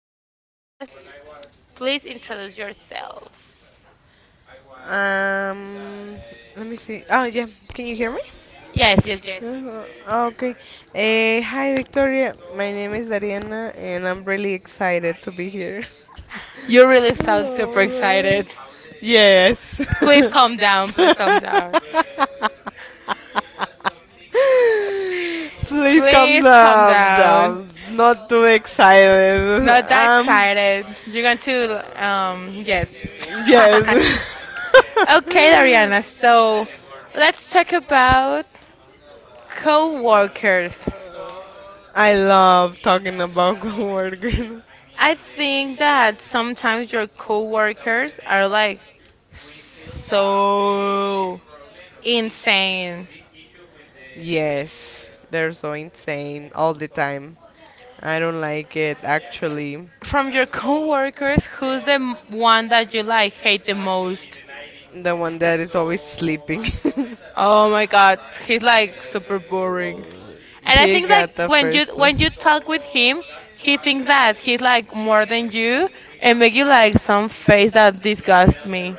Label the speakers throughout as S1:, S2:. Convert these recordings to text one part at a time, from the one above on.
S1: special guest. Please introduce yourself.
S2: Um, Let me see. Oh, yeah. Can you hear me?
S1: Yes, yes,
S2: Yeah,
S1: yes.
S2: okay. Hi, Victoria. My name is Ariana, and I'm really excited to be here.
S1: You really sound super excited.
S2: Yes.
S1: Please calm
S2: Calm
S1: down.
S2: down.
S1: Please calm down.
S2: Please calm, please down,
S1: Please calm
S2: calm
S1: down.
S2: down. Not too excited. Not
S1: Not that
S2: that.
S1: excited. You're going to, yes.
S2: Yes.
S1: Okay, Dariana. So, let's talk about co workers.
S2: I love talking about coworkers.
S1: I think that sometimes your coworkers are like so insane.
S2: Yes, they're so insane all the time. I don't like it actually.
S1: From your coworkers, who's the one that you like hate the most?
S2: The one that is always sleeping.
S1: Oh my god, he's like super boring. And I
S2: He
S1: think that
S2: got the
S1: when you
S2: first place.
S1: when you talk with him, he thinks that he's like more than you and make you like some face that disgusts me.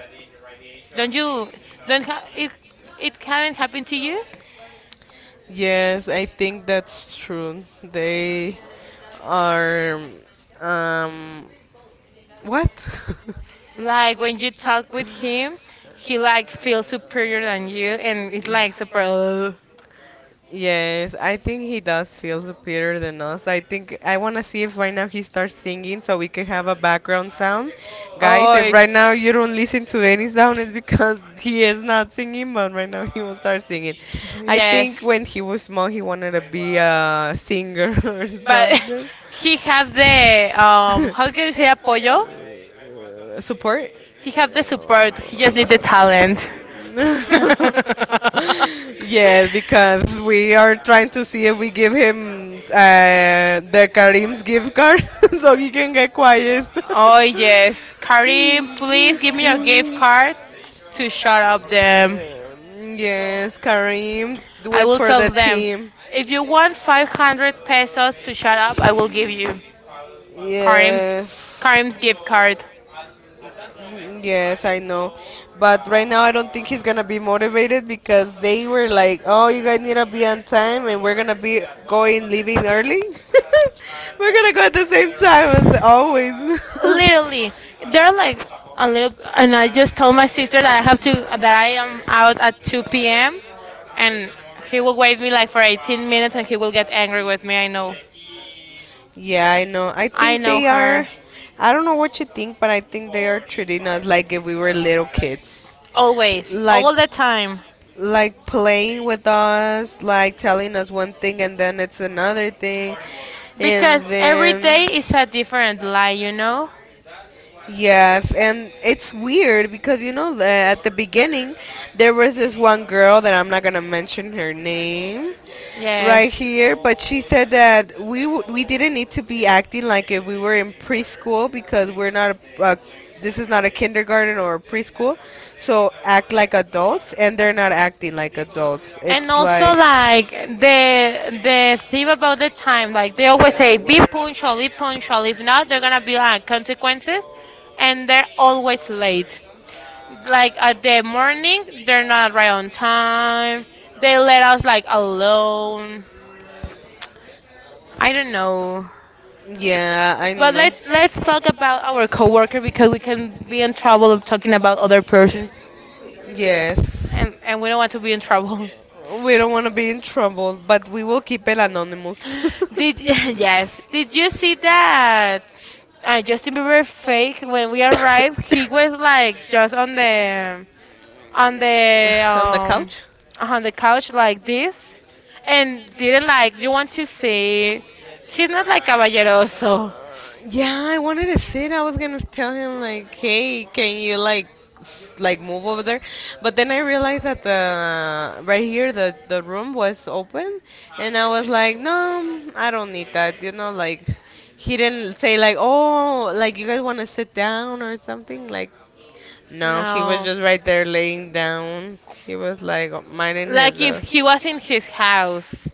S1: Don't you don't ha- it haven't happened to you?
S2: Yes, I think that's true. They are um what?
S1: Like when you talk with him, he like feels superior than you, and it like super. "Ugh."
S2: Yes, I think he does feel superior than us. I think I want to see if right now he starts singing so we can have a background sound. Guys,
S1: Oh,
S2: if
S1: it-
S2: right now you don't listen to any sound, it's because he is not singing, but right now he will start singing. I think
S1: Yes,
S2: when he was small, he wanted to be a singer or
S1: but
S2: something.
S1: he have the, how can you say apoyo?
S2: Support?
S1: He have the support. He just need the talent.
S2: Yes, because we are trying to see if we give him the Karim's gift card so he can get quiet.
S1: Oh yes, Karim, please give me your gift card to shut up them.
S2: Yes, Karim, do
S1: I
S2: it
S1: will
S2: for the
S1: tell them.
S2: team.
S1: If you want 500 pesos to shut up, I will give you Karim's
S2: Yes.
S1: Karim's gift card.
S2: Yes, I know. But right now, I don't think he's going to be motivated because they were like, oh, you guys need to be on time and we're going to be going, leaving early. We're going to go at the same time as always.
S1: Literally, they're like a little, and I just told my sister that I am out at 2 p.m. and he will wait me like for 18 minutes and he will get angry with me. I know.
S2: Yeah, I know. I
S1: I
S2: think
S1: know
S2: they are.
S1: her.
S2: I don't know what you think, but I think they are treating us like if we were little kids.
S1: Always,
S2: Like,
S1: all the time.
S2: like playing with us, like telling us one thing and then it's another thing,
S1: Because
S2: and
S1: every
S2: then
S1: day is a different lie, you know?
S2: yes, and it's weird because you know at the beginning there was this one girl that I'm not gonna mention her name right
S1: Yes.
S2: here, but she said that we didn't need to be acting like if we were in preschool because we're not this is not a kindergarten or a preschool, so act like adults, and they're not acting like adults.
S1: And
S2: It's
S1: also
S2: like
S1: like the thing about the time, like they always say, be punctual, be punctual. If not, they're gonna be like consequences, and they're always late. Like at the morning, they're not right on time. They let us like alone. I don't know.
S2: yeah, I
S1: But let's talk about our coworker because we can be in trouble of talking about
S2: know.
S1: other persons
S2: Yes.
S1: and we don't want to be in trouble.
S2: We don't want to be in trouble, but we will keep it anonymous.
S1: Did yes. Did you see that Justin Bieber fake when we arrived? He was like just on the
S2: On the
S1: um
S2: couch?
S1: on the couch like this and didn't like you want to say he's not like caballeroso.
S2: Yeah, I wanted to sit. I was gonna tell him like, hey, can you like, like move over there? But then I realized that the right here the room was open, and I was like, no, I don't need that. You know, like he didn't say like, oh, like you guys want to sit down or something. Like, no, he was
S1: No.
S2: just right there laying down. He was like minding his.
S1: Like if he was in his house.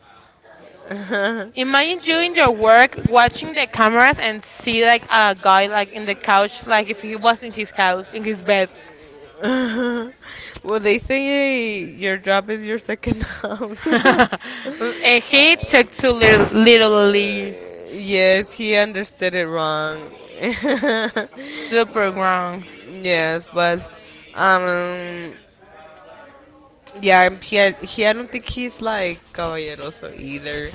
S2: house.
S1: Imagine you in your work watching the cameras and see like a guy like in the couch, like if he was in his couch, in his bed.
S2: Well, they say, "Hey, your job is your second house."
S1: And he took to literally
S2: Yes, he understood it wrong.
S1: super wrong.
S2: Yes, but um, yeah, and he I don't think he's like caballeroso either.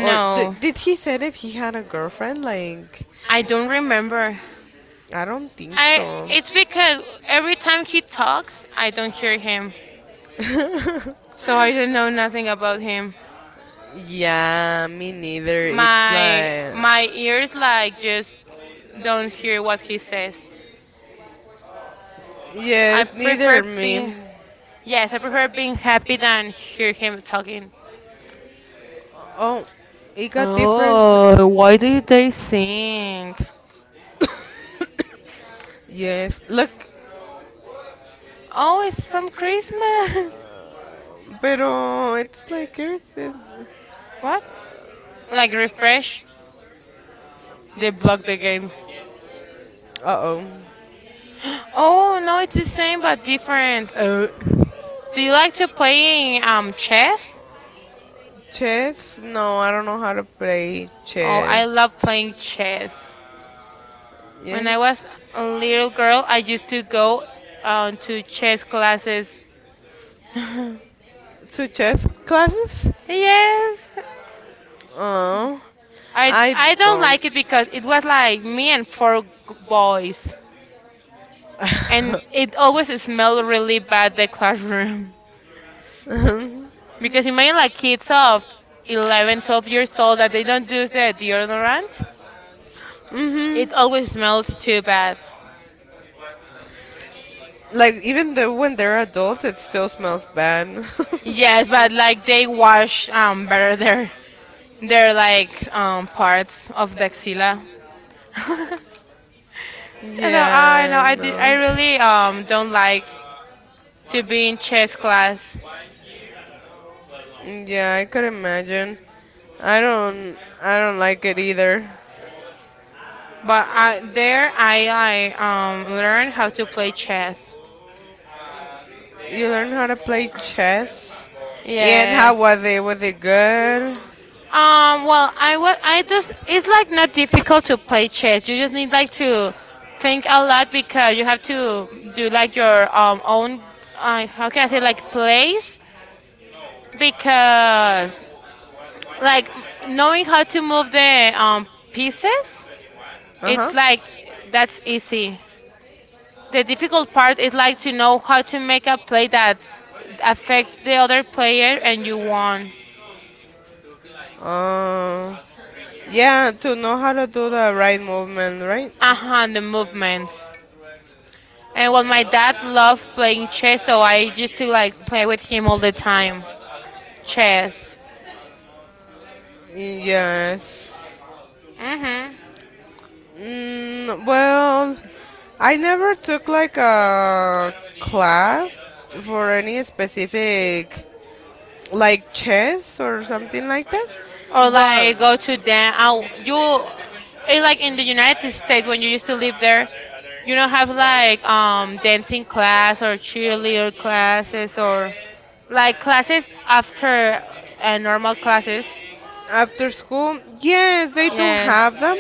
S2: Or did he said if he had a girlfriend? Like,
S1: I don't remember.
S2: I don't think
S1: I
S2: so.
S1: it's because every time he talks, I don't hear him, so I don't know nothing about him.
S2: Yeah, me neither. It's
S1: My
S2: like.
S1: my ears like just don't hear what he says. I
S2: Yes, neither
S1: prefer being
S2: me.
S1: Yes, I prefer being happy than hear him talking.
S2: Oh, it got different.
S1: Oh, why did they sing?
S2: Yes, look,
S1: Oh, it's from Christmas.
S2: pero it's like Earth.
S1: What? Like refresh? They block the game.
S2: Oh.
S1: Oh no, it's the same but different. Do you like to playing chess?
S2: Chess? No, I don't know how to play
S1: Oh,
S2: chess.
S1: I love playing chess. When I was
S2: Yes.
S1: a little girl, I used to go to chess classes.
S2: To chess classes?
S1: yes,
S2: Oh,
S1: I
S2: I
S1: I don't like it because it was like me and four boys,
S2: mhm.
S1: and it always smelled really bad the classroom. Because imagine like kids of 11, 12 years old that they don't do the deodorant,
S2: Mhm.
S1: it always smells too bad.
S2: Like even though when they're adults, it still smells bad.
S1: Yes, but like they wash better their like parts of the axilla. I know, I know,
S2: Yeah,
S1: I
S2: know.
S1: really don't like to be in chess class,
S2: Yeah, I could imagine. I don't. I don't like it either.
S1: but I, there I learned how to play chess.
S2: You learned how to play chess. Yeah. And how
S1: Yeah.
S2: was it? Was it good?
S1: Well, I was. I just. It's like not difficult to play chess. You just need like to think a lot because you have to do like your own. How can I say like plays because like knowing how to move the pieces,
S2: Uh
S1: it's
S2: huh.
S1: like that's easy. The difficult part is like to know how to make a play that affects the other player and you won.
S2: Um. Yeah, to know how to do the right movement, right?
S1: Uh-huh, and the movements. And well, my dad loved playing chess, so I used to like play with him all the time chess.
S2: Yes.
S1: Mm-hmm.
S2: Mm, well, I never took like a class for any specific like chess or something like that.
S1: Or
S2: But
S1: like go to dance you. It's like in the United States, when you used to live there, you don't have like dancing class or cheerleader classes or like classes after normal classes.
S2: after school, yes, they do
S1: Yeah.
S2: have them,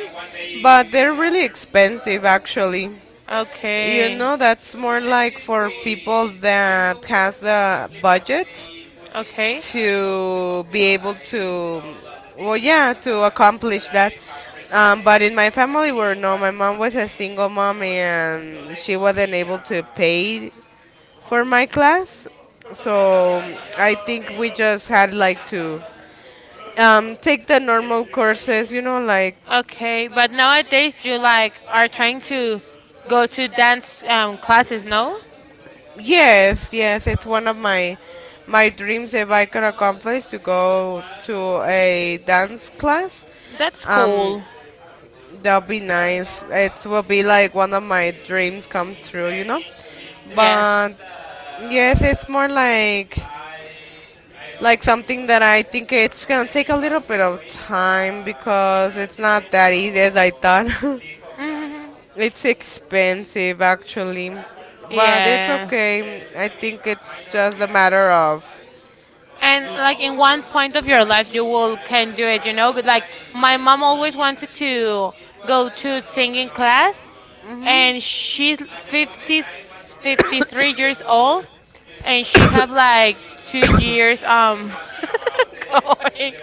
S2: but they're really expensive actually. You
S1: Okay.
S2: know, that's more like for people that has the budget
S1: Okay.
S2: to be able to, well, yeah, to accomplish that. But in my family, were no, my mom was a single mom and she wasn't able to pay for my class. So I think we just had like to take the normal courses, you know, like
S1: Okay, but nowadays you like are trying to go to dance classes, no?
S2: yes, yes, it's one of my dreams if I could accomplish to go to a dance class.
S1: That's
S2: Um,
S1: cool.
S2: That'll be nice. It will be like one of my dreams come true, you know.
S1: Yes.
S2: But yes, it's more like something that I think it's gonna take a little bit of time because it's not that easy as I thought.
S1: Hmm.
S2: It's expensive actually, but it's
S1: Yeah.
S2: okay. I think it's just a matter of
S1: And like in one point of your life, you will can do it. But like my mom always wanted to go to singing class, and she's fifty three years old, and she have like 2 years going.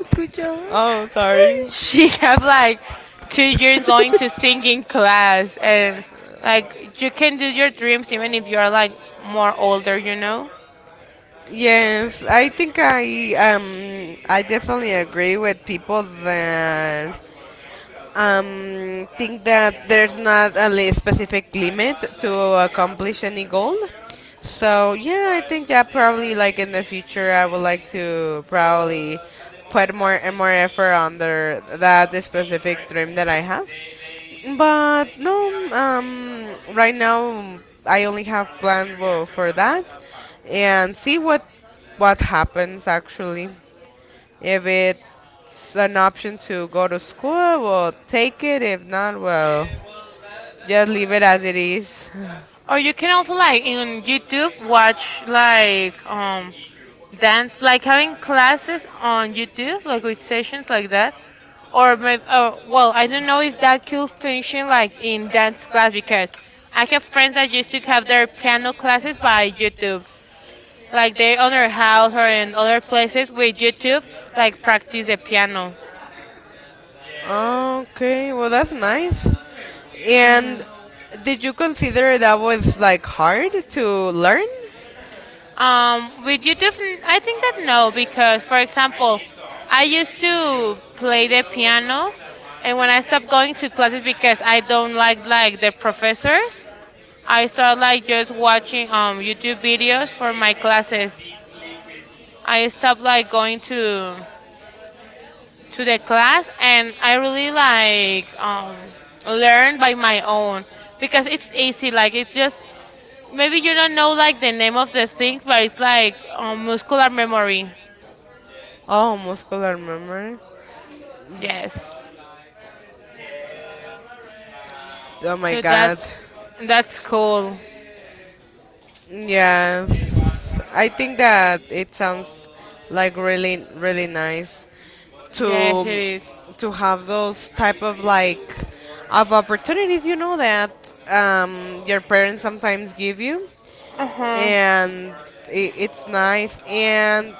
S1: Escúchame.
S2: oh, sorry.
S1: She have like 2 years going to singing class, and like you can do your dreams even if you are like more older.
S2: Yes, I think I definitely agree with people that think that there's not a specific limit to accomplish any goal. So yeah, I think that probably like in the future I would like to probably put more and more effort under that specific dream that I have. But no, right now I only have plan for that, and see what happens actually. If it's an option to go to school, we'll take it. If not, well, just leave it as it is.
S1: Or you can also like in YouTube watch like dance like having classes on YouTube like with sessions like that. Or maybe, well, I don't know if that could function like in dance class because I have friends that used to have their piano classes by YouTube. Like they on their house or in other places with YouTube like practice the piano.
S2: Okay, well, that's nice.
S1: Mhm.
S2: And did you consider that was like hard to learn?
S1: With YouTube, I think that no, because for example, I used to play the piano, and when I stopped going to classes because I don't like the professors, I started like just watching YouTube videos for my classes. I stopped like going to the class, and I really like learn by my own because it's easy. Like it's just maybe you don't know like the name of the things, but it's like muscular memory.
S2: Oh, muscular memory.
S1: Yes.
S2: Oh my
S1: So
S2: god.
S1: that's cool.
S2: Yes. I think that it sounds like really, really nice.
S1: Yes,
S2: to
S1: it is.
S2: to have those type of like of opportunities you know that um, your parents sometimes give you
S1: Uh huh.
S2: and it's nice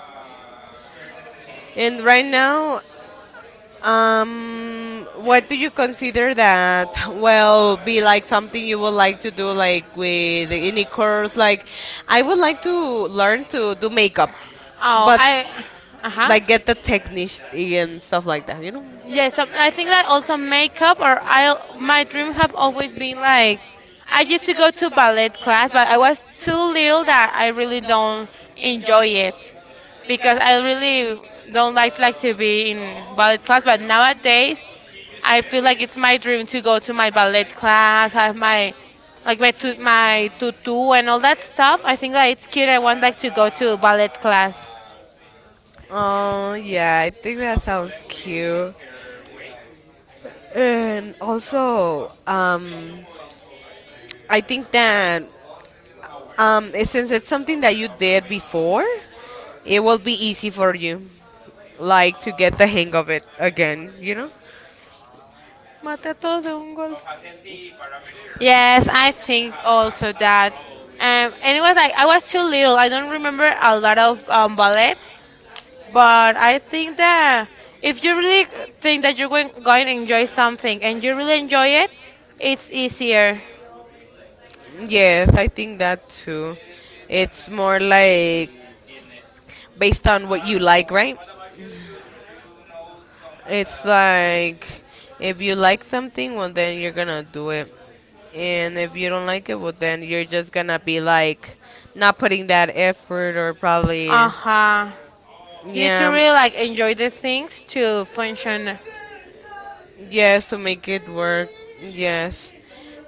S2: and right now um, what do you consider that well be like something you would like to do like with any course like I would like to learn to do makeup
S1: Oh,
S2: but
S1: I. Uh huh.
S2: like get the technique and stuff like that you know.
S1: Yes, so I think that also makeup or I. My dream have always been like. I used to go to ballet class, but I was too little that I really don't enjoy it because I really don't like to be in ballet class. But nowadays, I feel like it's my dream to go to my ballet class, have my like my tu- my tutu and all that stuff. I think that it's cute. I want like to go to ballet class.
S2: Oh, yeah, I think that sounds cute. And also, I think that since it's something that you did before, it will be easy for you, like to get the hang of it again, you know?
S1: Mata a todos de un golpe. Yes, I think also that. Anyways, I was too little. I don't remember a lot of ballet, but I think that if you really think that you're going to enjoy something and you really enjoy it, it's easier.
S2: Yes, I think that too. It's more like based on what you like, right? It's like if you like something, well, then you're gonna do it. And if you don't like it, well, then you're just gonna be like not putting that effort or
S1: Uh
S2: probably,
S1: huh. You need to
S2: yeah.
S1: really like enjoy the things to function.
S2: Yes, to make it work. Yes.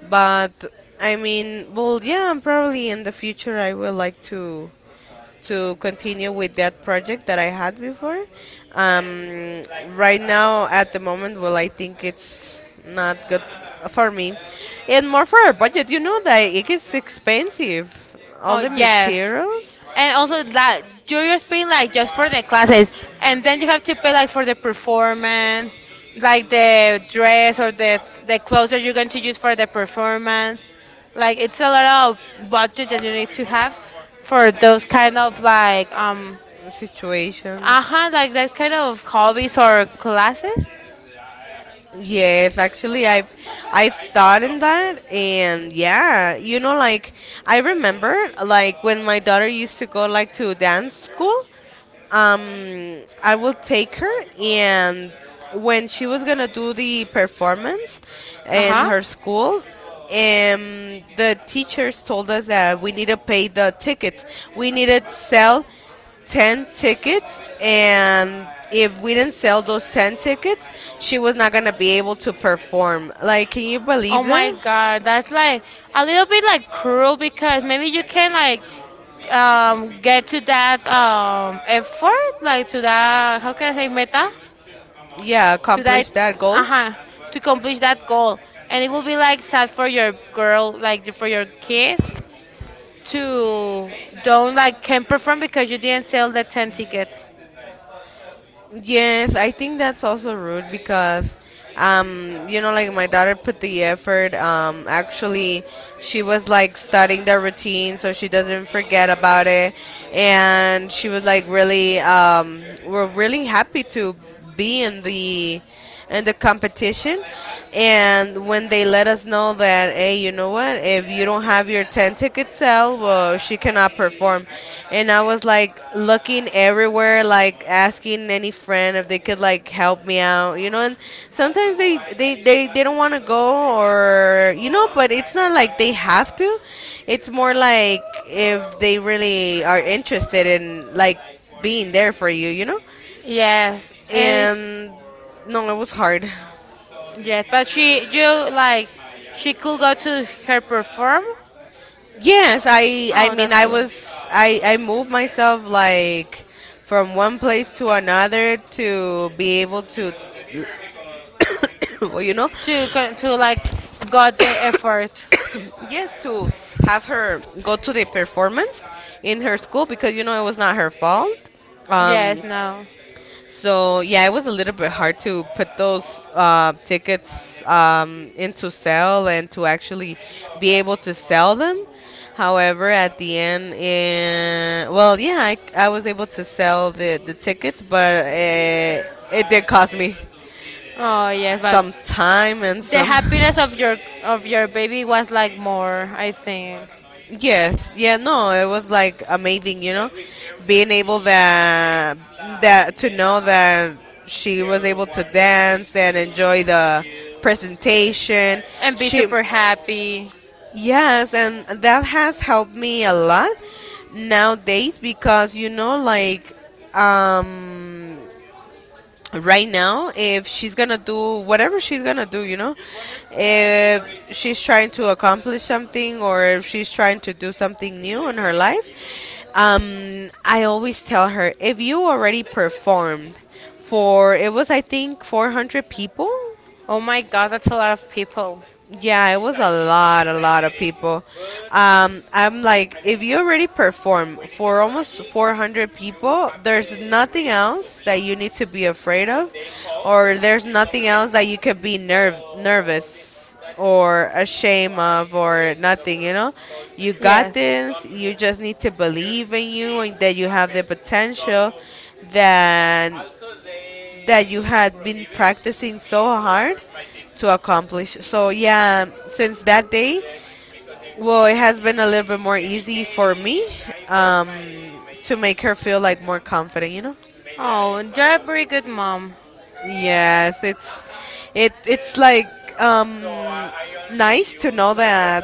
S2: But I mean, well, yeah, probably in the future I would like to continue with that project that I had before. Um, right now, at the moment, well, I think it's not good for me, and more for our budget. You know that it is expensive, all
S1: Oh
S2: the
S1: yes,
S2: materials,
S1: and also that you're just paying like just for the classes, and then you have to pay like for the performance, like the dress or the clothes that you're going to use for the performance. Like it's a lot of budget that you need to have for those kind of like
S2: situations.
S1: uh huh, like that kind of hobbies or classes.
S2: Yes, actually, I've thought in that, and yeah, you know, like I remember, like when my daughter used to go like to dance school, um, I will take her, and when she was gonna do the performance
S1: Uh
S2: in
S1: huh.
S2: her school, the teachers told us that we need to pay the tickets. We needed to sell 10 tickets, and if we didn't sell those 10 tickets she was not going to be able to perform, like can you believe
S1: Oh
S2: that?
S1: my god, that's like a little bit like cruel because maybe you can like get to that effort, like to that, how can I say meta,
S2: Yeah,
S1: to that,
S2: accomplish that goal.
S1: uh-huh, to accomplish that goal, and it will be like sad for your girl, like for your kid, to don't like can perform because you didn't sell the 10 tickets.
S2: Yes, I think that's also rude because, you know, like my daughter put the effort. Actually, she was like studying the routine so she doesn't forget about it, and she was like really, we're really happy to be in the competition. And when they let us know that, hey, you know what? If you don't have your 10 ticket sale, well, she cannot perform. And I was like looking everywhere, like asking any friend if they could like help me out, you know. And sometimes they don't want to go or you know, but it's not like they have to. It's more like if they really are interested in like being there for you, you know.
S1: Yes, and it's
S2: And no, it was hard.
S1: yes, but she you like she could go to her perform.
S2: Yes, I
S1: Oh,
S2: mean
S1: that's
S2: I
S1: good.
S2: was I moved myself like from one place to another to be able to well, you know,
S1: To con- to like got the effort.
S2: yes, to have her go to the performance in her school because you know it was not her fault. Um,
S1: Yes, no.
S2: so yeah, it was a little bit hard to put those tickets into sale and to actually be able to sell them. However, at the end, eh, well, yeah, I was able to sell the tickets, but it did cost me
S1: Oh yes, but
S2: some time and
S1: the
S2: some.
S1: happiness of your baby was like more, I think.
S2: Yes, yeah, no, it was like amazing, you know, being able that that to know that she was able to dance and enjoy the presentation.
S1: And be
S2: She,
S1: super happy.
S2: yes, and that has helped me a lot nowadays because you know, like, um, right now if she's gonna do whatever she's gonna do you know if she's trying to accomplish something or if she's trying to do something new in her life I always tell her if you already performed for it was I think 400 people.
S1: Oh my god, that's a lot of people.
S2: Yeah, it was a lot of people. I'm like, if you already perform for almost 400 people, there's nothing else that you need to be afraid of, or there's nothing else that you could be nerve nervous or ashamed of or nothing. You know, you got
S1: Yes.
S2: this. You just need to believe in you and that you have the potential. Then that you had been practicing so hard to accomplish. So yeah, since that day, well, it has been a little bit more easy for me um, to make her feel like more confident. You know?
S1: leg, you're a very good mom.
S2: Yes, it's like um, nice to know that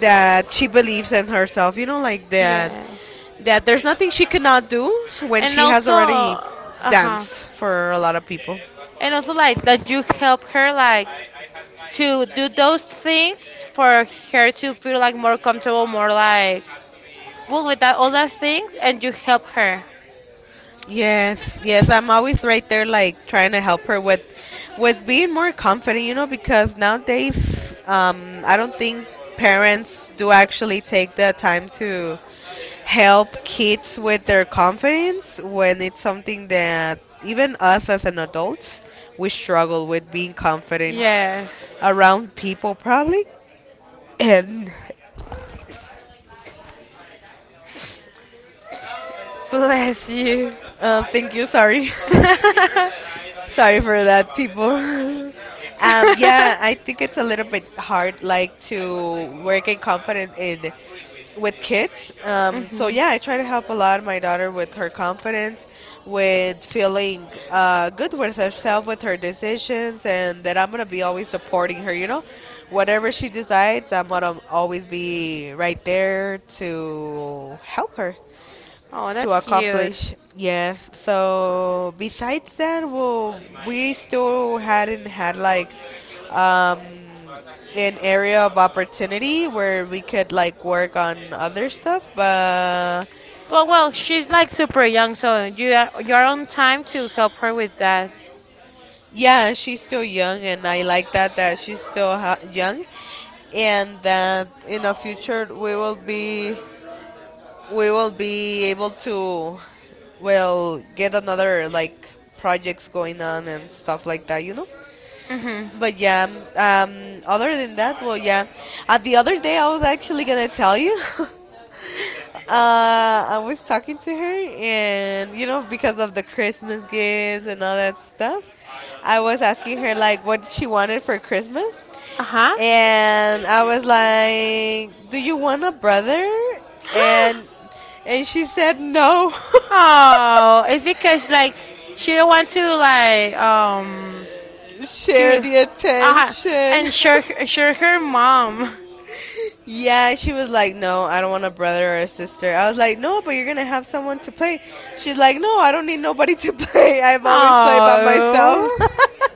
S2: that she believes in herself. You know, like
S1: Yes,
S2: that
S1: yes,
S2: that there's nothing she cannot do when
S1: and
S2: she has
S1: also,
S2: already
S1: uh huh,
S2: danced for a lot of people.
S1: and also like that you help her like to do those things for her to feel like more comfortable, more like well with that all that things, and you help her.
S2: Yes, yes, I'm always right there, like trying to help her with being more confident, you know, because nowadays, I don't think parents do actually take the time to help kids with their confidence when it's something that even us as an adults we struggle with being confident
S1: Yes,
S2: around people probably. And
S1: bless you.
S2: thank you, sorry. Sorry for that, people. Yeah, I think it's a little bit hard, like to work and confident in with kids. So
S1: Mhm.
S2: yeah, I try to help a lot my daughter with her confidence, with feeling good with herself, with her decisions, and that I'm gonna be always supporting her. You know, whatever she decides, I'm gonna always be right there to help her
S1: Oh,
S2: to
S1: that's cute.
S2: accomplish. Yes. So besides that, well, we still hadn't had like um, an area of opportunity where we could like work on other stuff. But
S1: Well, she's like super young, so you are on time to help her with that.
S2: yeah, she's still young, and I like that that she's still young, and that in the future we will be able to well get another like projects going on and stuff like that. You know.
S1: Mhm.
S2: But yeah, other than that, well, yeah. The other day, I was actually gonna tell you. I was talking to her, and you know, because of the Christmas gifts and all that stuff, I was asking her like what she wanted for Christmas,
S1: Uh huh.
S2: and I was like, "Do you want a brother?" and and she said no.
S1: Oh, it's because like she don't want to like
S2: Share
S1: to
S2: the
S1: uh huh
S2: attention.
S1: ensure ensure her mom.
S2: Yeah, she was like, no, I don't want a brother or a sister. I was like, no, but you're gonna have someone to play. She's like, no, I don't need nobody to play. I've always played by myself.
S1: Oh,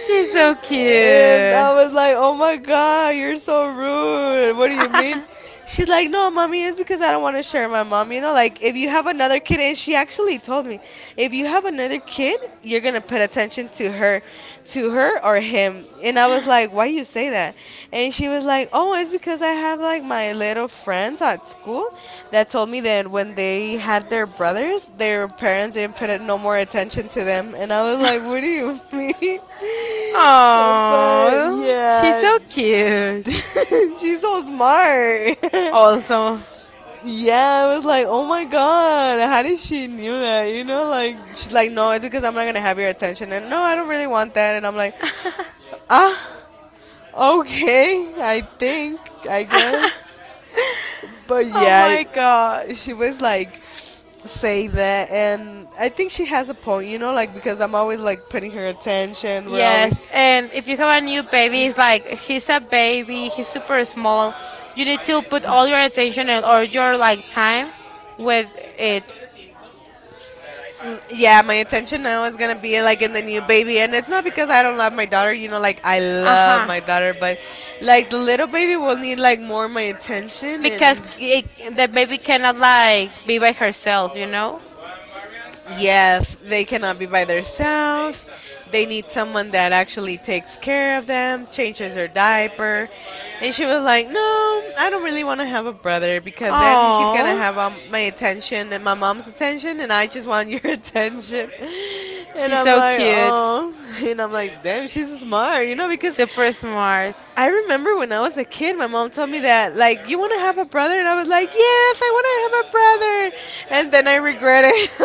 S1: she's so
S2: And
S1: cute.
S2: I was like, oh my God, you're so rude. What do you mean? She's like, no, mommy, it's because I don't want to share my mom. You know, like if you have another kid, and she actually told me, if you have another kid, you're going to put attention to her or him. And I was like, why you say that? And she was like, oh, it's because I have like my little friends at school that told me that when they had their brothers, their parents didn't put no more attention to them. And I was like, what do you mean? But
S1: Oh, she's
S2: yeah,
S1: so cute.
S2: she's so smart.
S1: Also.
S2: Yeah, I was like, oh my god, how did she knew that? You know, like she's like, no, it's because I'm not gonna have your attention, and no, I don't really want that. And I'm like, ah, okay, I think, I guess. But
S1: Oh
S2: yeah,
S1: my god.
S2: she was like say that and I think she has a point you know like because I'm always like putting her attention we're
S1: Yes,
S2: always
S1: and if you have a new baby, it's like he's a baby, he's super small. You need to put all your attention and all your like time with it.
S2: yeah, my attention now is gonna be like in the new baby, and it's not because I don't love my daughter. You know, like I love
S1: Uh-huh.
S2: my daughter, but like the little baby will need like more my attention
S1: Because
S2: and.
S1: the baby cannot like be by herself, you know?
S2: Yes, they cannot be by themselves. They need someone that actually takes care of them, changes their diaper. And she was like, no, I don't really want to have a brother because then he's going to
S1: Oh,
S2: have my attention and my mom's attention, and I just want your attention. And
S1: she's
S2: I'm
S1: so
S2: like,
S1: cute,
S2: oh. And I'm like, damn, she's smart, you know, because
S1: super smart.
S2: I remember when I was a kid, my mom told me that, like, you want to have a brother? And I was like, yes, I want to have a brother. And then I regret it.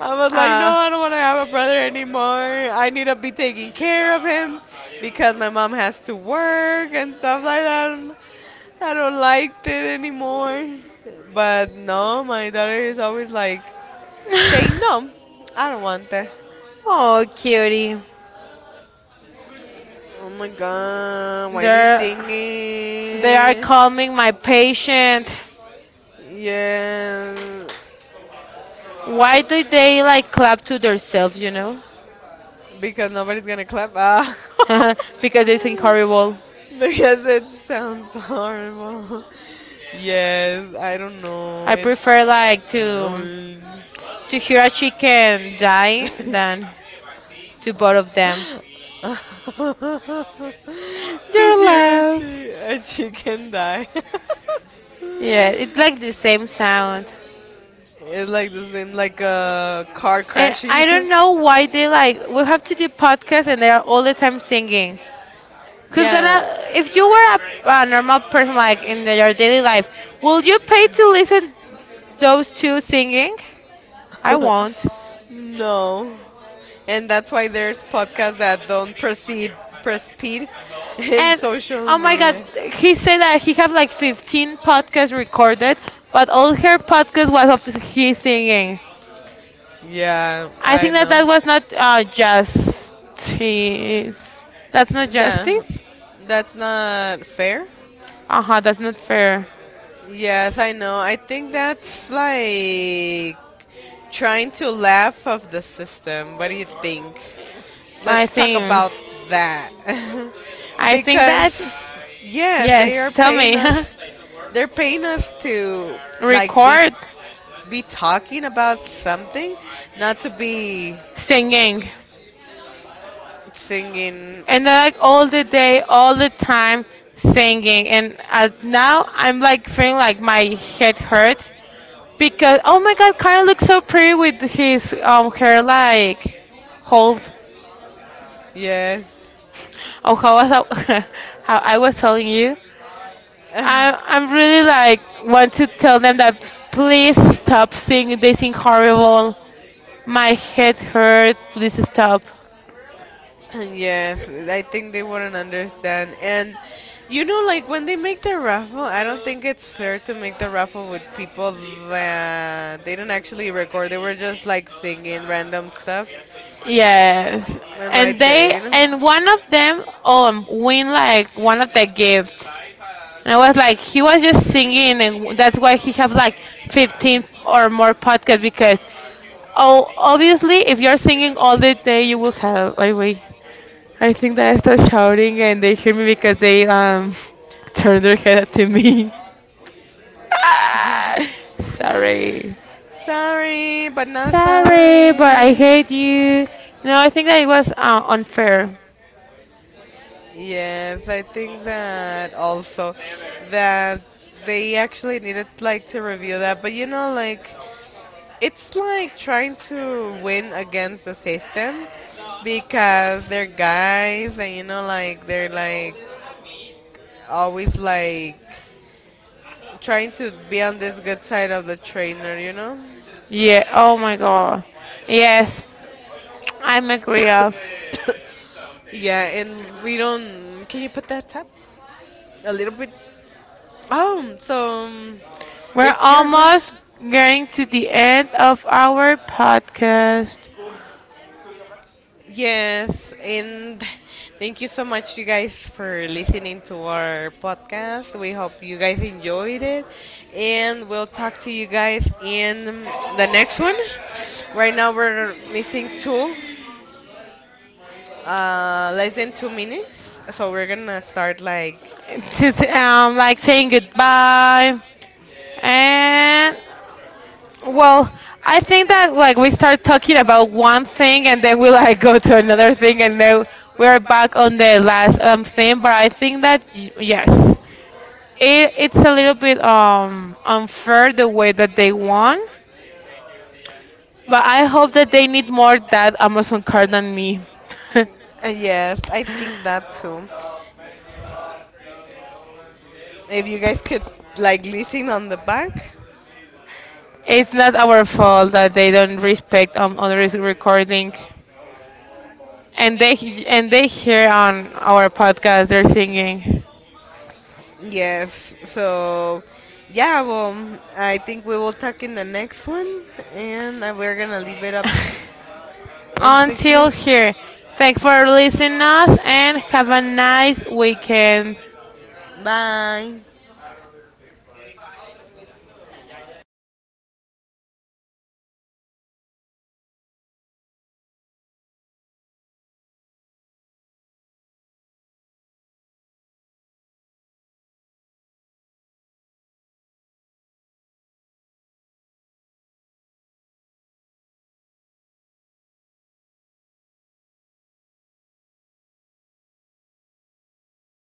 S2: I was like, no,
S1: Ah,
S2: I don't want to have a brother anymore. I need to be taking care of him because my mom has to work and stuff like that. And I don't like it anymore. But no, my daughter is always like saying, no, I don't want that.
S1: oh, cutie.
S2: Oh my god, why are they
S1: They're
S2: singing?
S1: they are calming my patient.
S2: Yeah,
S1: Why do they like clap to themselves? You know,
S2: because nobody's gonna clap. Ah.
S1: because they sing horrible.
S2: Because it sounds horrible. Yes, I don't know.
S1: I
S2: It's
S1: prefer like to
S2: annoying.
S1: to hear a chicken die than to both of them.
S2: To
S1: They're
S2: hear a,
S1: loud.
S2: a chicken die.
S1: Yeah, it's like the same sound.
S2: It's like the same, like a car
S1: And
S2: crashing.
S1: I don't know why they like we have to do podcasts and they are all the time singing. Who's
S2: Yeah.
S1: gonna? If you were a normal person, like in your daily life, will you pay to listen those two singing? I won't.
S2: No. And that's why there's podcasts that don't proceed in
S1: And
S2: social
S1: oh my god,
S2: media.
S1: he said that he have like 15 podcasts recorded, but all her podcast was of his singing.
S2: Yeah,
S1: I
S2: I
S1: think that
S2: know.
S1: that was not justice. That's not
S2: Yeah.
S1: justice.
S2: That's not fair.
S1: Uh huh. That's not fair.
S2: Yes, I know. I think that's like trying to laugh of the system. What do you think?
S1: I
S2: Let's talk
S1: think.
S2: about that.
S1: I think that.
S2: Because yeah,
S1: Yes. Tell me.
S2: they're paying us to like
S1: Record
S2: be talking about something, not to be
S1: singing,
S2: singing
S1: and they're like all the day, all the time singing. And now I'm like feeling like my head hurts because oh my god, Karen looks so pretty with his hair like hold.
S2: yes.
S1: Oh, how I was telling you, I I'm really like want to tell them that please stop singing. They sing horrible. My head hurts. Please stop.
S2: Yes, I think they wouldn't understand. And you know, like when they make the raffle, I don't think it's fair to make the raffle with people that they don't actually record. They were just like singing random stuff.
S1: Humanity Yes. are.
S2: And
S1: And made
S2: right there,
S1: they
S2: you know.
S1: and one of them win like one of the gifts. Life has. And I was like, he was just singing, and that's why he have like 15 or more podcasts because, oh, obviously, if you're singing all the day, you will have. I wait. I think that I start shouting and they hear me because they turn their head to me. Sorry.
S2: Sorry, but not
S1: Sorry, but I
S2: sorry.
S1: hate you. No, I think that it was unfair.
S2: Yes, I think that also that they actually needed like to review that, but you know, like it's like trying to win against the system because they're guys and you know, like they're like always like trying to be on this good side of the trainer, you know.
S1: Yeah, oh my god. Yes, I'm agree of.
S2: Yeah, and we don't. Can you put that up a little bit? Oh, so
S1: We're
S2: it's yours, right?
S1: almost getting to the end of our podcast.
S2: Yes, and thank you so much, you guys, for listening to our podcast. We hope you guys enjoyed it, and we'll talk to you guys in the next one. Right now, we're missing two, less than 2 minutes, so we're gonna start like.
S1: Just like saying goodbye. And well, I think that like we start talking about one thing and then we like go to another thing and then we're back on the last thing. But I think that yes, it's a little bit unfair the way that they won. But I hope that they need more that Amazon card than me.
S2: Yes, I think that too. If you guys could like listen on the back,
S1: It's not our fault that they don't respect others recording, and they and they hear on our podcast they're singing.
S2: yes. So, yeah. Well, I think we will talk in the next one, and we're gonna leave it up into
S1: Until
S2: here.
S1: here. Thanks for listening us and have a nice weekend.
S2: Bye.